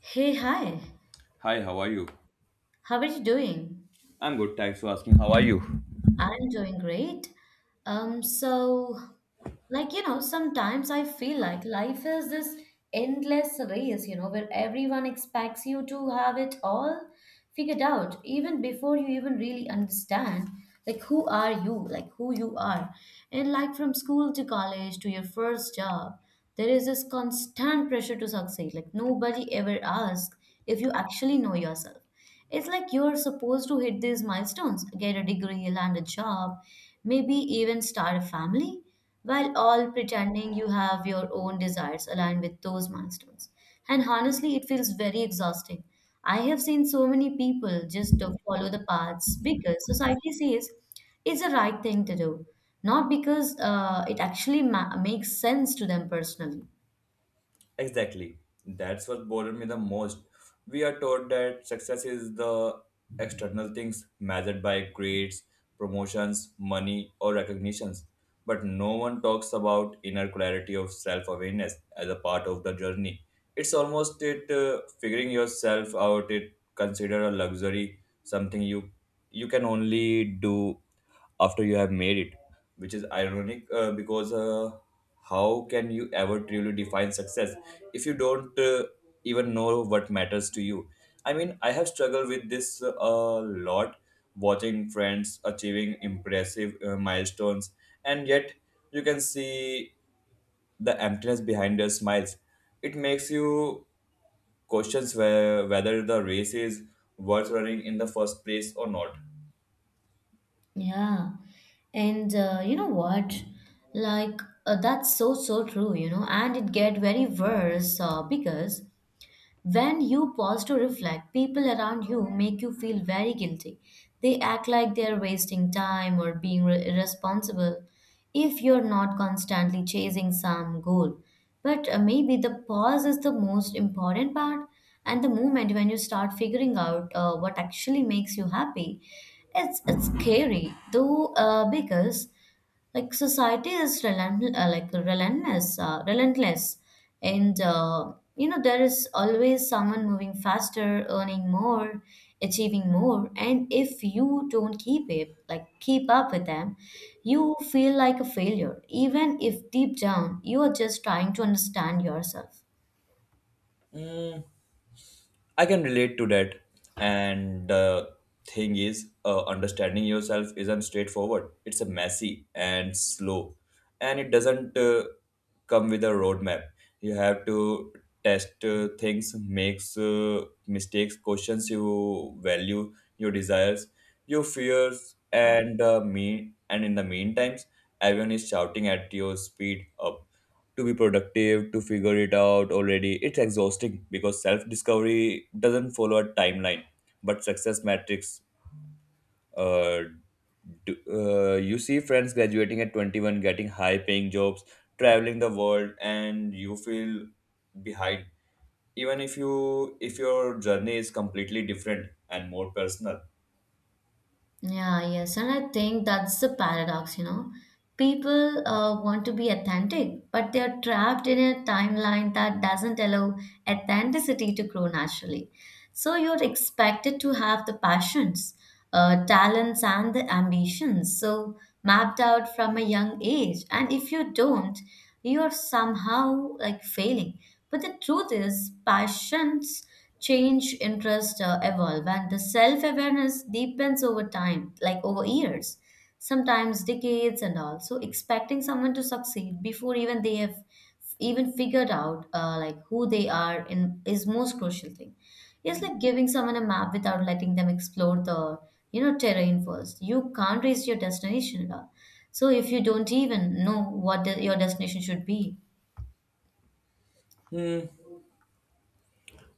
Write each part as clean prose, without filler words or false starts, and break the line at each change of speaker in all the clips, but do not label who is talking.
Hey, hi.
Hi, how are you?
How are you doing?
I'm good, thanks for asking. How are you?
I'm doing great. So like you know sometimes I feel like life is this endless race, you know, where everyone expects you to have it all figured out even before you even really understand like who you are. And like from school to college to your first job, there is this constant pressure to succeed. Like nobody ever asks if you actually know yourself. It's like you're supposed to hit these milestones, get a degree, land a job, maybe even start a family, while all pretending you have your own desires aligned with those milestones. And honestly, it feels very exhausting. I have seen so many people just follow the paths because society says it's the right thing to do, not because it actually makes sense to them personally.
Exactly. That's what bothered me the most. We are taught that success is the external things measured by grades, promotions, money, or recognitions. But no one talks about inner clarity of self awareness as a part of the journey. It's almost it figuring yourself out. It consider a luxury, something you can only do after you have made it, which is ironic, because how can you ever truly define success if you don't, even know what matters to you? I mean, I have struggled with this, a lot, watching friends achieving impressive, milestones, and yet you can see the emptiness behind their smiles. It makes you questions whether the race is worth running in the first place or not.
Yeah. And you know what? That's so true, you know, and it get very worse because when you pause to reflect, people around you make you feel very guilty. They act like they're wasting time or being irresponsible if you're not constantly chasing some goal. But maybe the pause is the most important part, and the moment when you start figuring out what actually makes you happy, it's scary though, because like society is relentless, and you know there is always someone moving faster, earning more, achieving more, and if you don't keep it, like keep up with them, you feel like a failure, even if deep down you are just trying to understand yourself.
Mm, I can relate to that. And the thing is, understanding yourself isn't straightforward. It's a messy and slow, and it doesn't, come with a roadmap. You have to test, things, makes, mistakes, questions you value, your desires, your fears, and, me. And in the meantime, everyone is shouting at your speed up to be productive, to figure it out already. It's exhausting because self discovery doesn't follow a timeline, but success metrics. Uh, do, you see friends graduating at 21, getting high paying jobs, traveling the world, and you feel behind. Even if you if your journey is completely different and more personal.
Yeah, yes. And I think that's the paradox, you know. People want to be authentic, but they are trapped in a timeline that doesn't allow authenticity to grow naturally. So you're expected to have the passions, talents, and the ambitions so mapped out from a young age. And if you don't, you're somehow like failing. But the truth is, passions change, interest evolve, and the self awareness deepens over time, like over years, sometimes decades, and all. So expecting someone to succeed before even they have even figured out like who they are in is most crucial thing. It's like giving someone a map without letting them explore the, you know, terrain first. You can't reach your destination at all. So if you don't even know what the, your destination should be.
Hmm.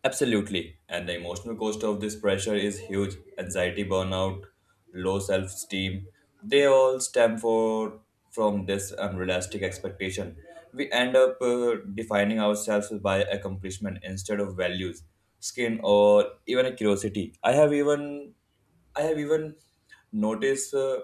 Absolutely. And the emotional cost of this pressure is huge. Anxiety, burnout, low self esteem, they all stem for, from this unrealistic expectation. We end up, defining ourselves by accomplishment instead of values, skin, or even a curiosity. I have even noticed.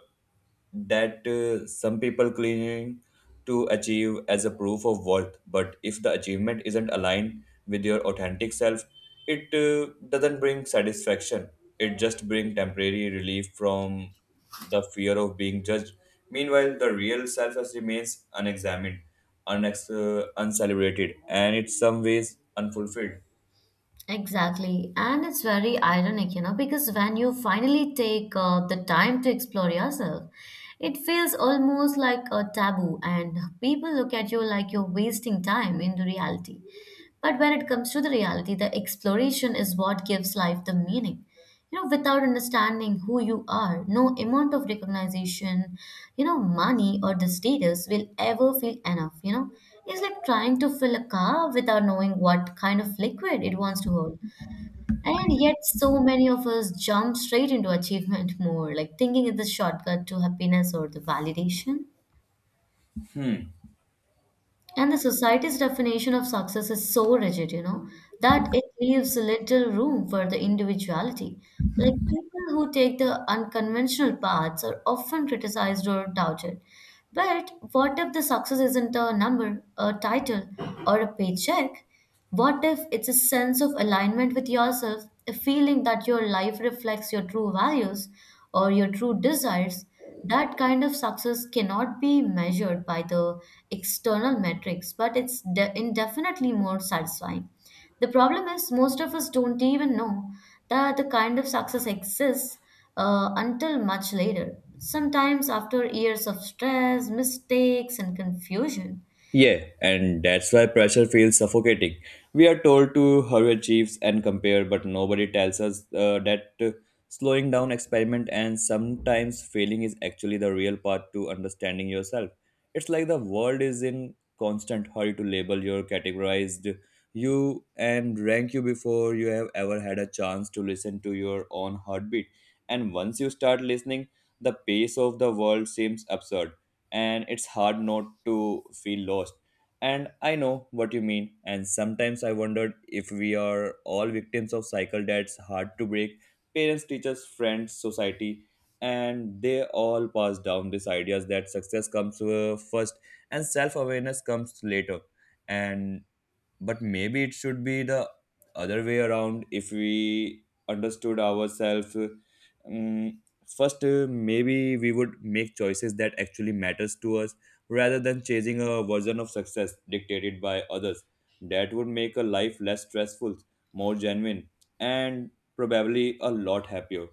That, some people claim to achieve as a proof of worth. But if the achievement isn't aligned with your authentic self, it doesn't bring satisfaction. It just brings temporary relief from the fear of being judged. Meanwhile, the real self has remains unexamined, uncelebrated, and in some ways unfulfilled.
Exactly. And it's very ironic, you know, because when you finally take the time to explore yourself, it feels almost like a taboo, and people look at you like you're wasting time in the reality. But when it comes to the reality, the exploration is what gives life the meaning. You know, without understanding who you are, no amount of recognition, you know, money or the status will ever feel enough. You know, it's like trying to fill a car without knowing what kind of liquid it wants to hold. And yet, so many of us jump straight into achievement more, like thinking it's a shortcut to happiness or the validation. And the society's definition of success is so rigid, you know, that it leaves little room for the individuality. Like people who take the unconventional paths are often criticized or doubted. But what if the success isn't a number, a title, or a paycheck? What if it's a sense of alignment with yourself, a feeling that your life reflects your true values or your true desires? That kind of success cannot be measured by the external metrics, but it's indefinitely more satisfying. The problem is, most of us don't even know that the kind of success exists until much later, sometimes after years of stress, mistakes, and confusion.
Yeah, and that's why pressure feels suffocating. We are told to hurry achieves and compare, but nobody tells us, that slowing down experiment and sometimes failing is actually the real path to understanding yourself. It's like the world is in constant hurry to label your categorized you and rank you before you have ever had a chance to listen to your own heartbeat. And once you start listening, the pace of the world seems absurd, and it's hard not to feel lost. And I know what you mean. And sometimes I wondered if we are all victims of cycle that's hard to break. Parents, teachers, friends, society, and they all pass down these ideas that success comes, first, and self awareness comes later. And but maybe it should be the other way around. If we understood ourselves first, maybe we would make choices that actually matters to us, rather than chasing a version of success dictated by others. That would make a life less stressful, more genuine, and probably a lot happier.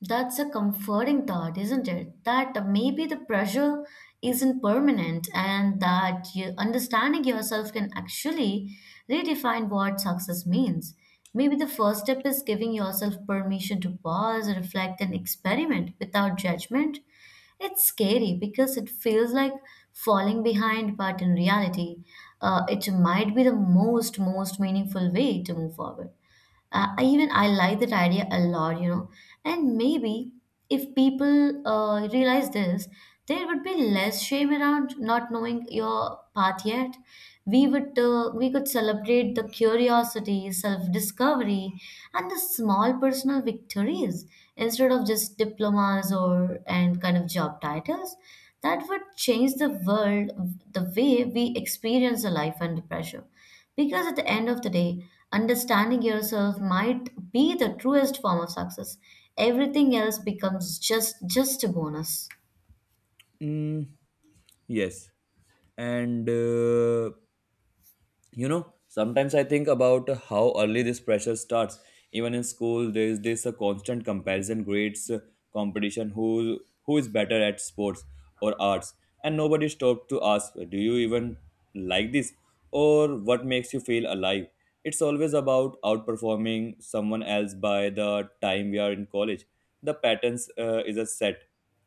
That's a comforting thought, isn't it? That maybe the pressure isn't permanent and that you, understanding yourself can actually redefine what success means. Maybe the first step is giving yourself permission to pause, reflect, and experiment without judgment. It's scary because it feels like falling behind, but in reality, it might be the most meaningful way to move forward. Even I like that idea a lot, you know. And maybe if people realize this, there would be less shame around not knowing your path yet. We could celebrate the curiosity, self-discovery, and the small personal victories instead of just diplomas or and kind of job titles. That would change the world, the way we experience a life under pressure. Because at the end of the day, understanding yourself might be the truest form of success. Everything else becomes just a bonus.
Mm, yes. And you know, sometimes I think about how early this pressure starts. Even in school, there is this a constant comparison grades, competition, who is better at sports or arts, and nobody stopped to ask, do you even like this, or what makes you feel alive? It's always about outperforming someone else. By the time we are in college, the patterns, is a set.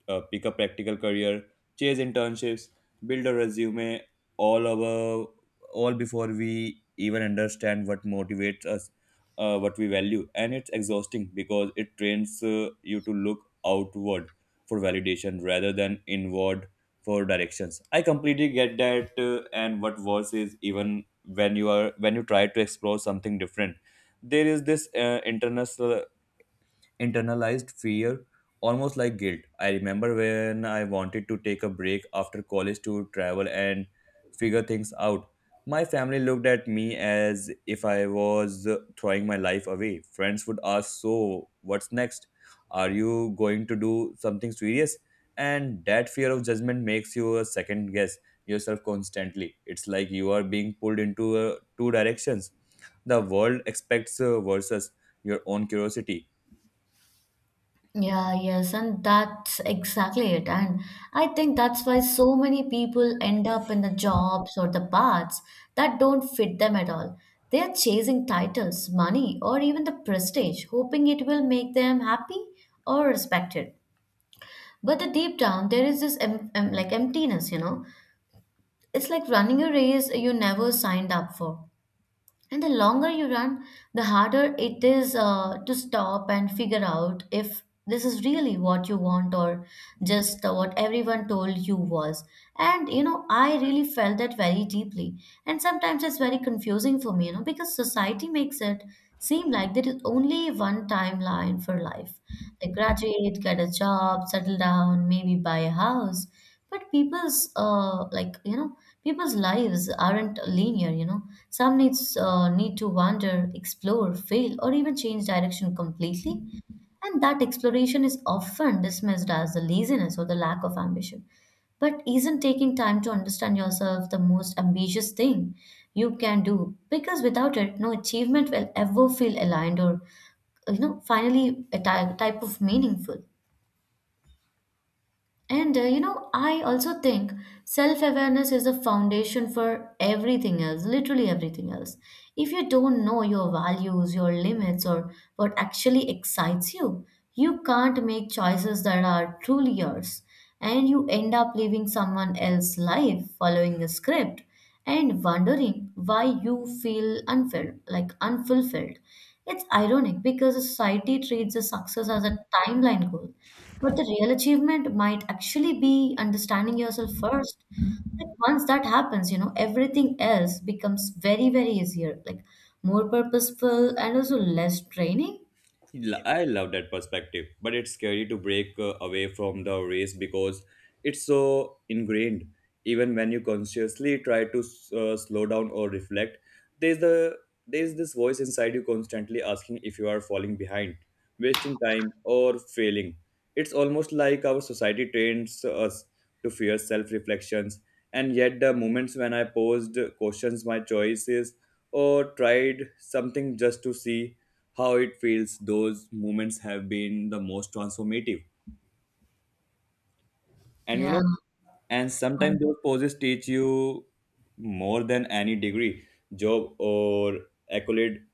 Pick a practical career, chase internships, build a resume. all over all before we even understand what motivates us, what we value. And it's exhausting because it trains, you to look outward for validation rather than inward for directions. I completely get that. And what worse is, even when you are when you try to explore something different, there is this, internalized fear, almost like guilt. I remember when I wanted to take a break after college to travel and figure things out. My family looked at me as if I was throwing my life away. Friends would ask, "So, what's next? Are you going to do something serious?" And that fear of judgment makes you a second guess yourself constantly. It's like you are being pulled into, two directions. The world expects, versus your own curiosity.
Yeah, yes, and that's exactly it. And I think that's why so many people end up in the jobs or the paths that don't fit them at all. They're chasing titles, money, or even the prestige, hoping it will make them happy or respected. But the deep down, there is this like emptiness, you know. It's like running a race you never signed up for. And the longer you run, the harder it is to stop and figure out if this is really what you want or just what everyone told you was. And you know, I really felt that very deeply. And sometimes it's very confusing for me, you know, because society makes it seem like there is only one timeline for life. Like graduate, get a job, settle down, maybe buy a house. But People's lives aren't linear, you know. Some needs need to wander, explore, fail, or even change direction completely. And that exploration is often dismissed as the laziness or the lack of ambition. But isn't taking time to understand yourself the most ambitious thing you can do? Because without it, no achievement will ever feel aligned or, you know, finally a type of meaningful. And you know, I also think self awareness is a foundation for everything else, literally everything else. If you don't know your values, your limits, or what actually excites you, you can't make choices that are truly yours. And you end up living someone else's life, following a script, and wondering why you feel unfilled, like unfulfilled. It's ironic because society treats the success as a timeline goal, but the real achievement might actually be understanding yourself first. Like once that happens, you know, everything else becomes very easier, like more purposeful and also less draining.
I love that perspective, but it's scary to break, away from the race because it's so ingrained. Even when you consciously try to slow down or reflect, there's the there's this voice inside you constantly asking if you are falling behind, wasting time, or failing. It's almost like our society trains us to fear self-reflections, and yet the moments when I posed questions my choices or tried something just to see how it feels, those moments have been the most transformative. And you
Yeah.
know, and sometimes those poses teach you more than any degree, job, or accolade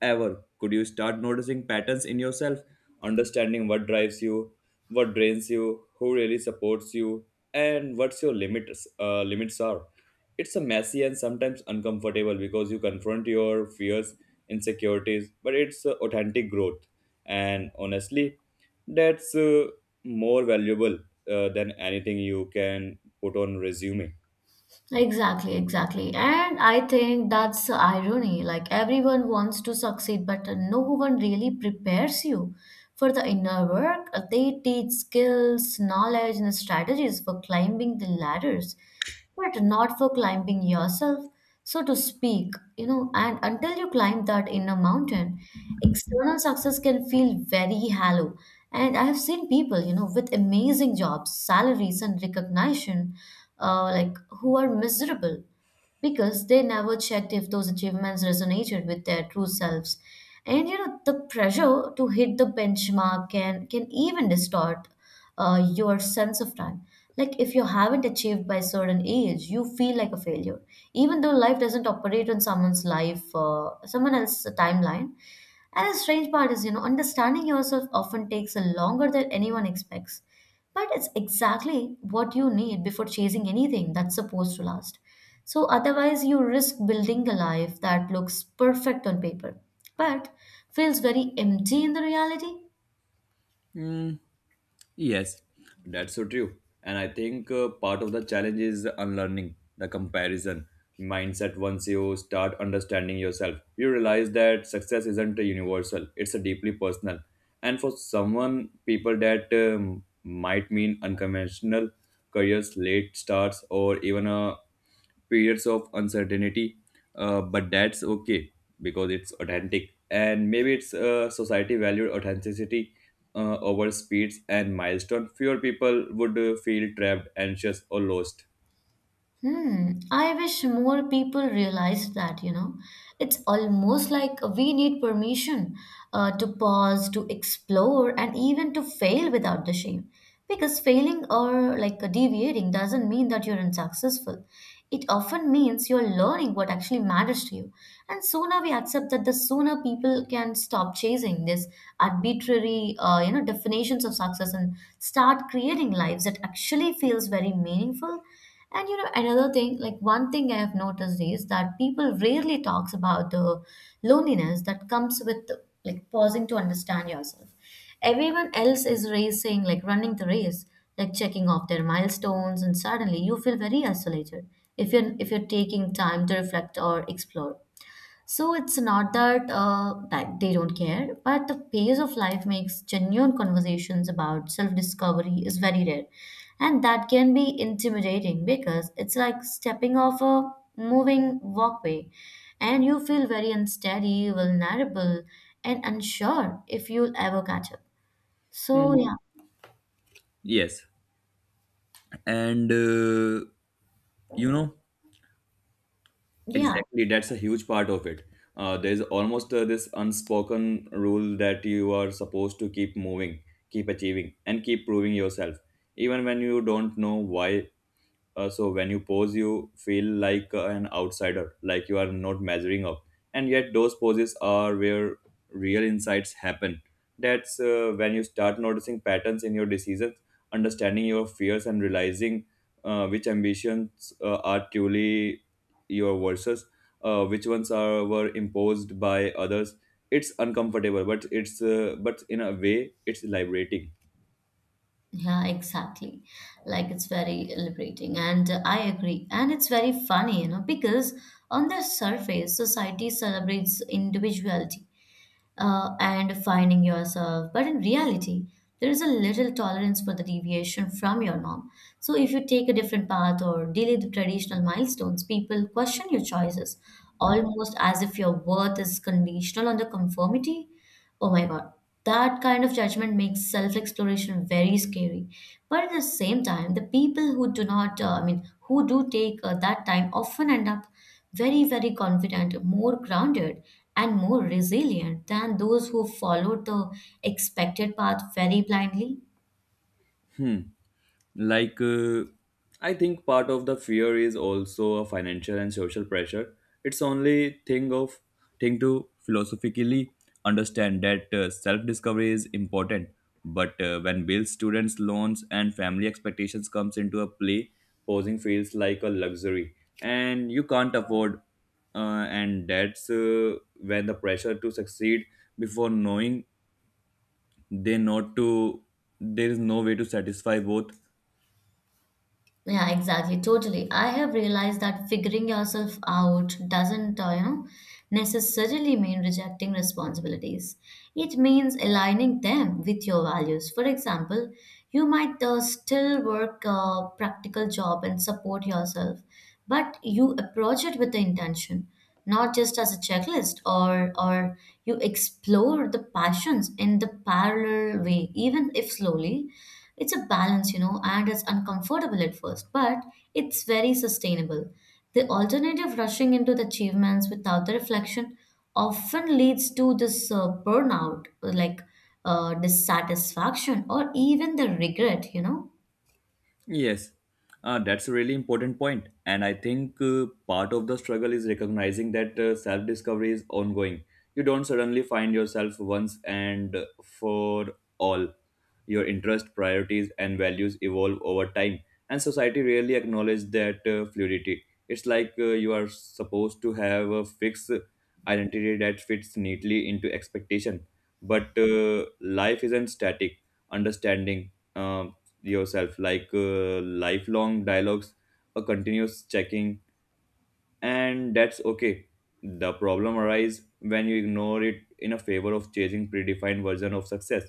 ever could. You start noticing patterns in yourself, understanding what drives you, what drains you, who really supports you, and what's your limits limits are. It's a messy and sometimes uncomfortable because you confront your fears insecurities, but it's, authentic growth. And honestly, that's, more valuable, than anything you can put on resume.
Exactly, exactly. And I think that's the irony. Like everyone wants to succeed, but no one really prepares you for the inner work. They teach skills, knowledge, and strategies for climbing the ladders, but not for climbing yourself, so to speak, you know. And until you climb that inner mountain, external success can feel very hollow. And I have seen people, you know, with amazing jobs, salaries, and recognition, like who are miserable because they never checked if those achievements resonated with their true selves. And you know the pressure to hit the benchmark can even distort your sense of time. Like if you haven't achieved by a certain age you feel like a failure, even though life doesn't operate on someone else's timeline. And the strange part is, you know, understanding yourself often takes a longer than anyone expects. But it's exactly what you need before chasing anything that's supposed to last. So otherwise, you risk building a life that looks perfect on paper, but feels very empty in the reality.
Mm, yes. That's so true. And I think, part of the challenge is unlearning the comparison mindset. Once you start understanding yourself, you realize that success isn't a universal, it's a deeply personal. And for someone, people that might mean unconventional careers, late starts, or even a periods of uncertainty, but that's okay, because it's authentic. And maybe it's, society valued authenticity, over speeds and milestone fewer people would, feel trapped anxious or lost.
Hmm, I wish more people realized that, you know. It's almost like we need permission to pause, to explore, and even to fail without the shame. Because failing or like deviating doesn't mean that you're unsuccessful. It often means you're learning what actually matters to you. And sooner we accept that, the sooner people can stop chasing this arbitrary, you know, definitions of success and start creating lives that actually feels very meaningful. And you know, another thing, like one thing I have noticed is that people rarely talks about the loneliness that comes with like pausing to understand yourself. Everyone else is racing, like running the race, like checking off their milestones, and suddenly you feel very isolated if you're taking time to reflect or explore. So it's not that they don't care, but the pace of life makes genuine conversations about self-discovery is very rare, and that can be intimidating because it's like stepping off a moving walkway, and you feel very unsteady, vulnerable, and unsure if you'll ever catch up. So
Mm,
yeah,
yes. And you know,
yeah.
exactly, that's a huge part of it. There's almost, this unspoken rule that you are supposed to keep moving, keep achieving, and keep proving yourself, even when you don't know why. So when you pose, you feel like, an outsider, like you are not measuring up. And yet, those poses are where real insights happen. That's, when you start noticing patterns in your decisions, understanding your fears, and realizing, which ambitions, are truly your versus, which ones are were imposed by others. It's uncomfortable, but it's but in a way, it's liberating.
Yeah, exactly. Like it's very liberating, and I agree. And it's very funny, you know, because on the surface, society celebrates individuality and finding yourself, but in reality, there is a little tolerance for the deviation from your norm. So if you take a different path or delay the traditional milestones, people question your choices, almost as if your worth is conditional on the conformity. Oh my God, that kind of judgment makes self exploration very scary. But at the same time, the people who do not, who do take that time often end up very, very confident, more grounded, and more resilient than those who followed the expected path very blindly.
Hmm. Like, I think part of the fear is also a financial and social pressure. It's only thing to philosophically understand that, self-discovery is important. But, when bills, students, loans, and family expectations comes into a play, posing feels like a luxury, and you can't afford. And that's when the pressure to succeed before knowing they not to, there is no way to satisfy both.
Yeah, exactly. Totally. I have realized that figuring yourself out doesn't, necessarily mean rejecting responsibilities. It means aligning them with your values. For example, you might still work a practical job and support yourself, but you approach it with the intention, not just as a checklist, or you explore the passions in the parallel way, even if slowly it's a balance, you know, and it's uncomfortable at first, but it's very sustainable. The alternative rushing into the achievements without the reflection often leads to this burnout, like dissatisfaction, or even the regret, you know.
Yes, that's a really important point, and I think, part of the struggle is recognizing that, self-discovery is ongoing. You don't suddenly find yourself once and for all. Your interests, priorities, and values evolve over time, and society rarely acknowledges that, fluidity. It's like, you are supposed to have a fixed identity that fits neatly into expectation, but, life isn't static. Understanding, yourself like, lifelong dialogues, a continuous checking, and that's okay. The problem arises when you ignore it in a favor of chasing predefined version of success.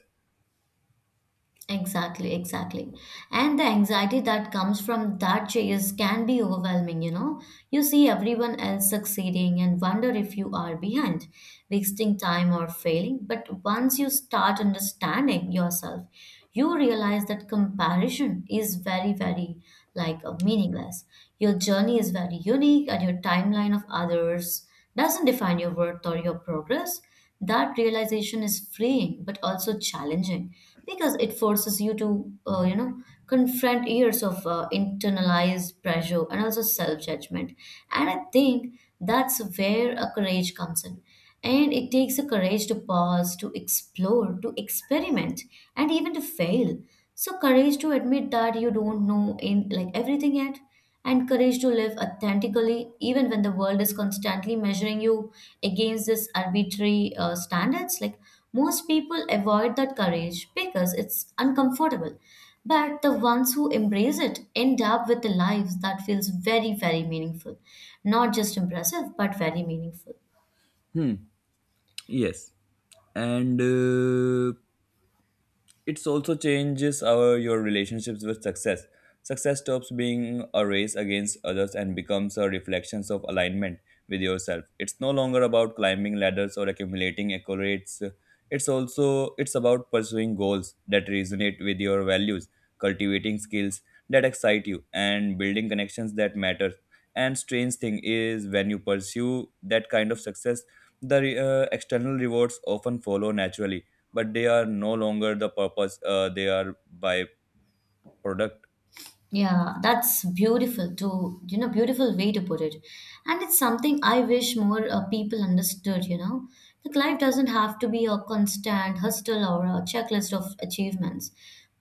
Exactly, exactly. And the anxiety that comes from that chase can be overwhelming, you know. You see everyone else succeeding and wonder if you are behind, wasting time or failing. But once you start understanding yourself, you realize that comparison is very, very like meaningless. Your journey is very unique, and your timeline of others doesn't define your worth or your progress. That realization is freeing but also challenging because it forces you to, confront years of internalized pressure and also self judgment. And I think that's where a courage comes in. And it takes a courage to pause, to explore, to experiment, and even to fail. So courage to admit that you don't know in like everything yet and courage to live authentically, even when the world is constantly measuring you against this arbitrary standards. Like most people avoid that courage because it's uncomfortable. But the ones who embrace it end up with the lives that feels very, very meaningful. Not just impressive, but very meaningful.
Hmm. Yes. And, it's also changes our your relationships with success. Success stops being a race against others and becomes a reflection of alignment with yourself. It's no longer about climbing ladders or accumulating accolades. it's also it's about pursuing goals that resonate with your values, cultivating skills that excite you, and building connections that matter. And strange thing is, when you pursue that kind of success, the, external rewards often follow naturally, but they are no longer the purpose, they are by product.
Yeah, that's beautiful to, you know, beautiful way to put it. And it's something I wish more people understood, you know. Like life doesn't have to be a constant hustle or a checklist of achievements.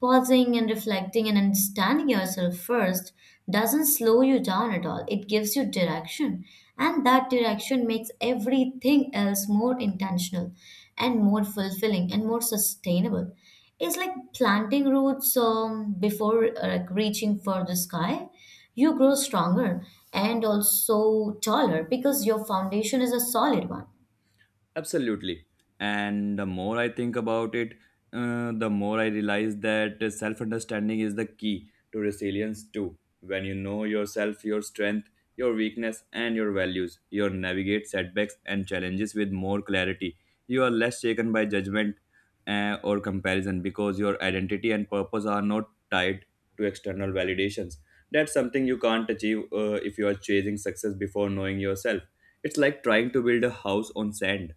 Pausing and reflecting and understanding yourself first doesn't slow you down at all. It gives you direction, and that direction makes everything else more intentional and more fulfilling and more sustainable. It's like planting roots before like reaching for the sky. You grow stronger and also taller because your foundation is a solid one.
Absolutely. And the more I think about it, the more I realize that self understanding is the key to resilience, too. When you know yourself, your strength, your weakness, and your values, you navigate setbacks and challenges with more clarity. You are less shaken by judgment, or comparison, because your identity and purpose are not tied to external validations. That's something you can't achieve, if you are chasing success before knowing yourself. It's like trying to build a house on sand.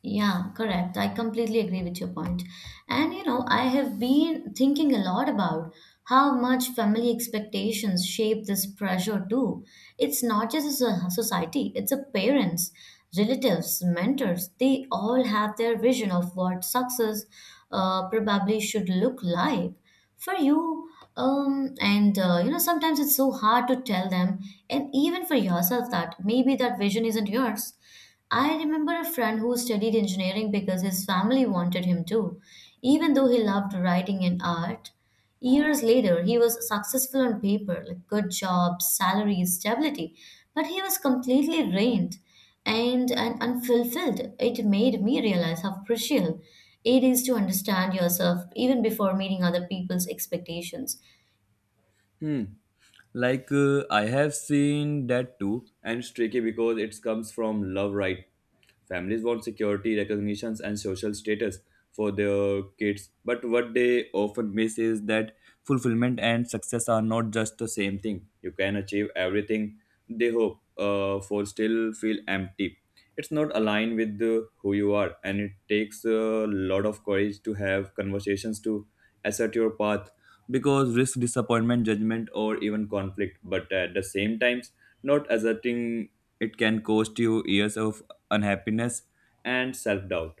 Yeah, correct. I completely agree with your point. And you know, I have been thinking a lot about how much family expectations shape this pressure too. It's not just as a society, it's a parents, relatives, mentors. They all have their vision of what success probably should look like for you. And You know, sometimes it's so hard to tell them, and even for yourself, that maybe that vision isn't yours. I remember a friend who studied engineering because his family wanted him to, even though he loved writing and art. Years later, he was successful on paper, like good job, salary, stability, but he was completely drained and unfulfilled. It made me realize how crucial it is to understand yourself even before meeting other people's expectations.
Hmm. Like, I have seen that too, and it's tricky because it comes from love, right? Families want security, recognitions, and social status for their kids, but what they often miss is that fulfillment and success are not just the same thing. You can achieve everything they hope, for, still feel empty. It's not aligned with who you are, and it takes a lot of courage to have conversations to assert your path because risk disappointment, judgment, or even conflict. But at the same times, not asserting it can cost you years of unhappiness and self doubt.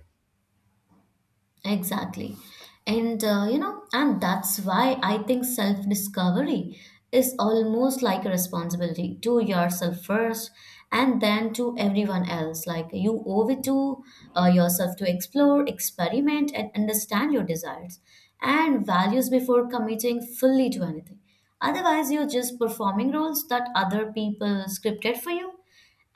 Exactly. And that's why I think self-discovery is almost like a responsibility to yourself first and then to everyone else. Like you owe it to yourself to explore, experiment, and understand your desires and values before committing fully to anything. Otherwise, you're just performing roles that other people scripted for you,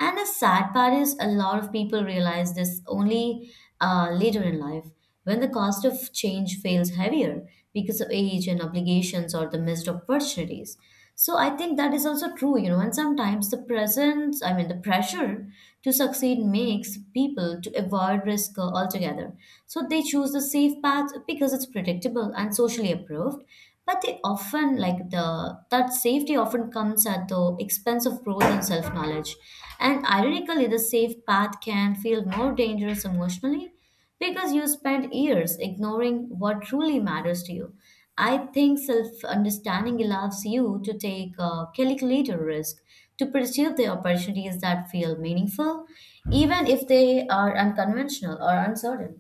and the sad part is, a lot of people realize this only later in life when the cost of change feels heavier because of age and obligations or the missed opportunities. So I think that is also true, you know, and sometimes the the pressure to succeed makes people to avoid risk altogether. So they choose the safe path because it's predictable and socially approved, but they often like the that safety often comes at the expense of growth and self knowledge, and ironically the safe path can feel more dangerous emotionally because you spend years ignoring what truly matters to you. I think self understanding allows you to take a calculated risk to pursue the opportunities that feel meaningful, even if they are unconventional or uncertain.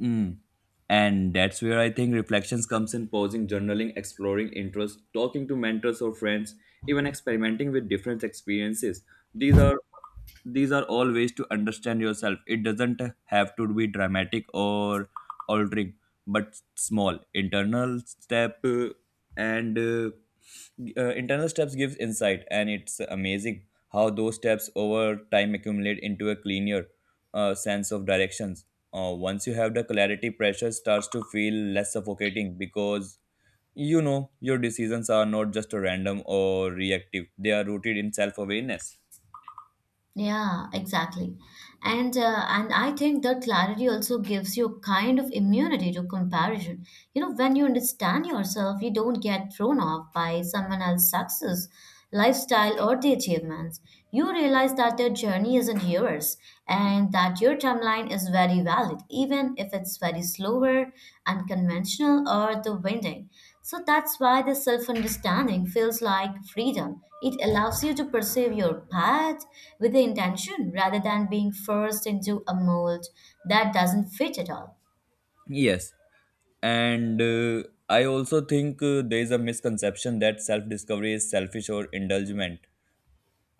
Mm. And that's where I think reflections comes in pausing, journaling, exploring interests, talking to mentors or friends, even experimenting with different experiences. These are these are all ways to understand yourself. It doesn't have to be dramatic or altering, but small internal step and internal steps gives insight, and it's amazing how those steps over time accumulate into a cleaner sense of directions. Once you have the clarity, pressure starts to feel less suffocating because you know your decisions are not just random or reactive, they are rooted in self-awareness.
Yeah, exactly. And I think that clarity also gives you kind of immunity to comparison. You know, when you understand yourself, you don't get thrown off by someone else's success, lifestyle, or the achievements. You realize that their journey isn't yours and that your timeline is very valid, even if it's very slower, unconventional, or the winding. So that's why the self understanding feels like freedom. It allows you to pursue your path with the intention rather than being forced into a mold that doesn't fit at all.
Yes, and I also think there is a misconception that self-discovery is selfish or indulgent.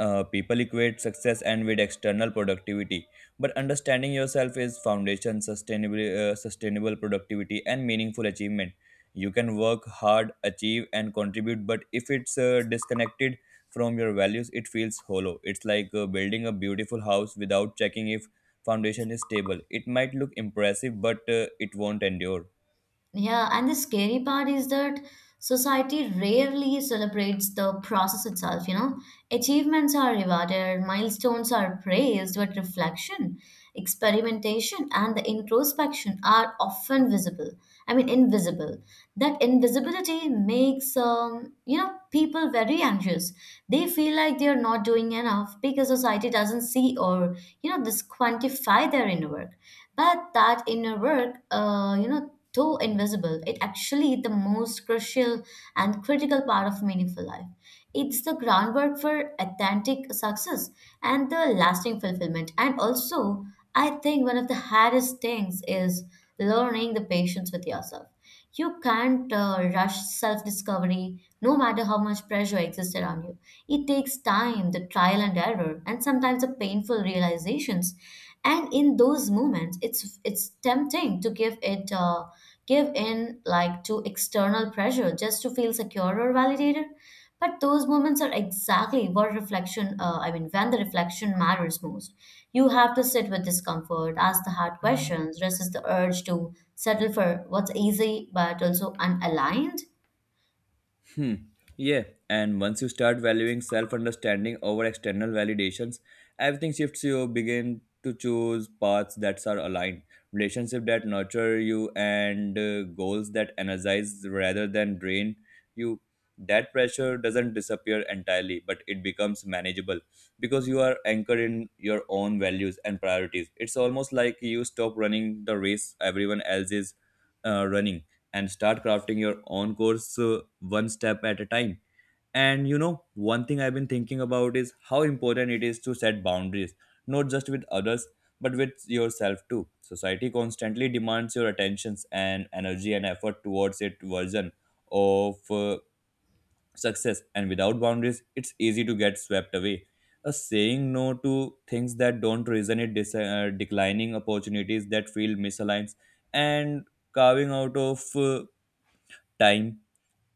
People equate success and with external productivity, but understanding yourself is foundation sustainable sustainable productivity and meaningful achievement. You can work hard, achieve, and contribute, but if it's disconnected from your values, it feels hollow. It's like building a beautiful house without checking if foundation is stable. It might look impressive, but it won't endure.
Yeah, and the scary part is that society rarely celebrates the process itself, you know. Achievements are rewarded, milestones are praised, but reflection, experimentation, and the introspection are often visible. I mean, invisible. That invisibility makes, people very anxious. They feel like they're not doing enough because society doesn't see or, you know, this quantify their inner work. But that inner work, though invisible, it actually the most crucial and critical part of meaningful life. It's the groundwork for authentic success and the lasting fulfillment. And also, I think one of the hardest things is learning the patience with yourself. You can't rush self discovery, no matter how much pressure exists around you. It takes time, the trial and error, and sometimes the painful realizations. And in those moments, it's tempting to give it give in like to external pressure just to feel secure or validated. But those moments are exactly what reflection, when the reflection matters most. You have to sit with discomfort, ask the hard questions, resist the urge to settle for what's easy but also unaligned.
Hmm. Yeah, and once you start valuing self understanding over external validations, everything shifts, you begin to choose paths that are aligned, relationships that nurture you, and goals that energize rather than drain you. That pressure doesn't disappear entirely, but it becomes manageable because you are anchored in your own values and priorities. It's almost like you stop running the race everyone else is running and start crafting your own course, one step at a time. And you know, one thing I've been thinking about is how important it is to set boundaries, not just with others, but with yourself too. Society constantly demands your attentions and energy and effort towards its version of success, and without boundaries, it's easy to get swept away. A saying no to things that don't resonate, declining opportunities that feel misaligned, and carving out of time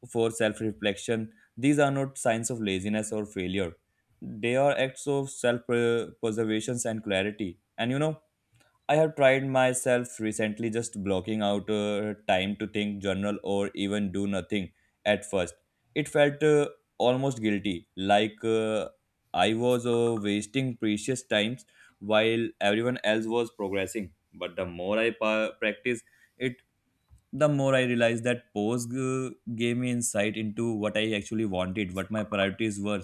for self reflection. These are not signs of laziness or failure. They are acts of self preservation and clarity. And you know, I have tried myself recently just blocking out time to think, journal, or even do nothing at first. It felt almost guilty, like I was wasting precious times while everyone else was progressing. But the more I practice it, the more I realized that pose gave me insight into what I actually wanted, what my priorities were,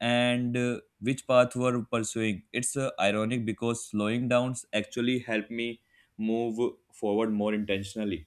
and which path were pursuing. It's ironic because slowing downs actually helped me move forward more intentionally.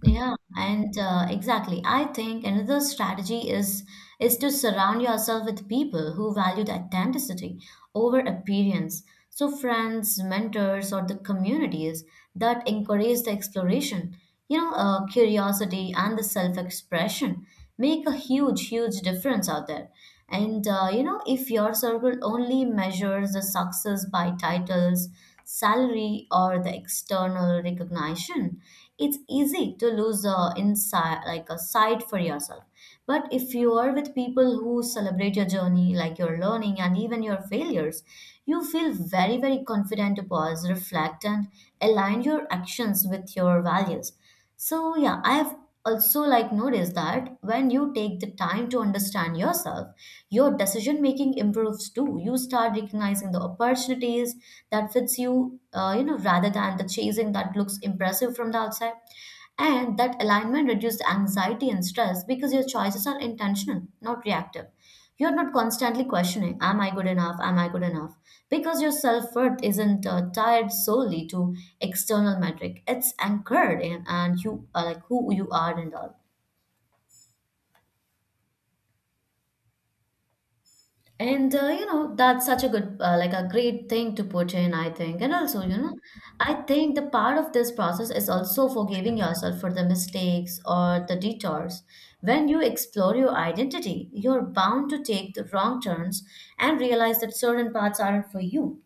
Yeah, and exactly. I think another strategy is to surround yourself with people who value the authenticity over appearance. So friends, mentors, or the communities that encourage the exploration, curiosity and the self-expression make a huge huge difference out there. And uh, you know if your circle only measures the success by titles, salary, or the external recognition, it's easy to lose a inside like a sight for yourself. But if you are with people who celebrate your journey like your learning and even your failures, you feel very very confident to pause, reflect, and align your actions with your values. So yeah, I've also like noticed that when you take the time to understand yourself, your decision making improves too. You start recognizing the opportunities that fits you, rather than the chasing that looks impressive from the outside. And that alignment reduces anxiety and stress because your choices are intentional, not reactive. You're not constantly questioning, am I good enough? Am I good enough? Because your self worth isn't tied solely to external metric, it's anchored in and you are like who you are and all. And that's such a good, like a great thing to put in, I think. And also, you know, I think the part of this process is also forgiving yourself for the mistakes or the detours. When you explore your identity, you're bound to take the wrong turns and realize that certain paths aren't for you.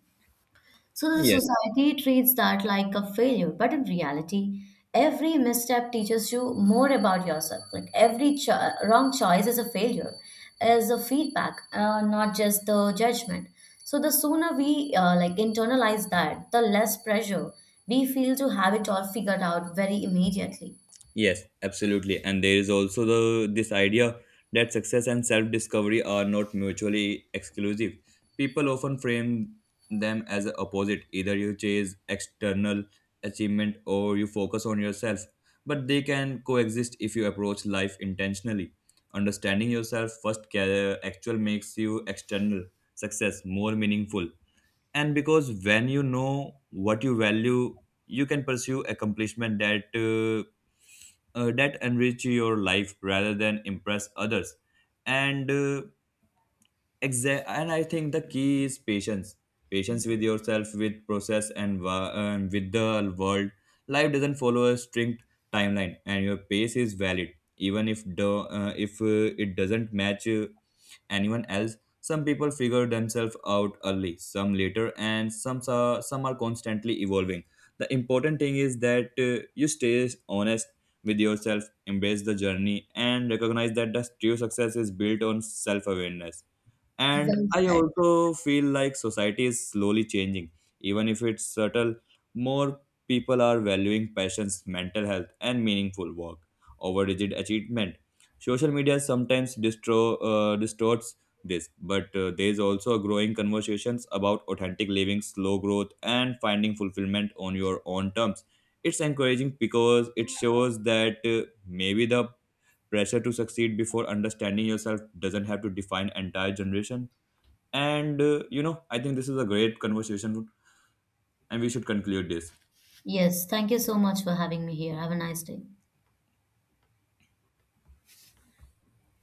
So the
Yes.
society treats that like a failure, but in reality, every misstep teaches you more about yourself. Like wrong choice is a failure, is a feedback, not just the judgment. So the sooner we like internalize that, the less pressure we feel to have it all figured out very immediately.
Yes, absolutely. And there is also the this idea that success and self-discovery are not mutually exclusive. People often frame them as a opposite. Either you chase external achievement or you focus on yourself. But they can coexist if you approach life intentionally. Understanding yourself first actual makes you external success more meaningful, and because when you know what you value you can pursue accomplishment that that enrich your life rather than impress others. And uh, exa- and i think the key is patience, patience with yourself, with process, and and with the world. Life doesn't follow a strict timeline and your pace is valid, even if the if it doesn't match anyone else. Some people figure themselves out early, some later, and some are constantly evolving. The important thing is that you stay honest with yourself, embrace the journey, and recognize that the true success is built on self awareness. And
Well
I
said.
also feel like society is slowly changing, even if it's subtle. More people are valuing passions, mental health, and meaningful work over rigid achievement. Social media sometimes distorts this, but there is also a growing conversations about authentic living, slow growth, and finding fulfillment on your own terms. It's encouraging because it shows that maybe the pressure to succeed before understanding yourself doesn't have to define entire generation. And you know, I think this is a great conversation, and we should conclude this.
Yes, thank you so much for having me here. Have a nice day.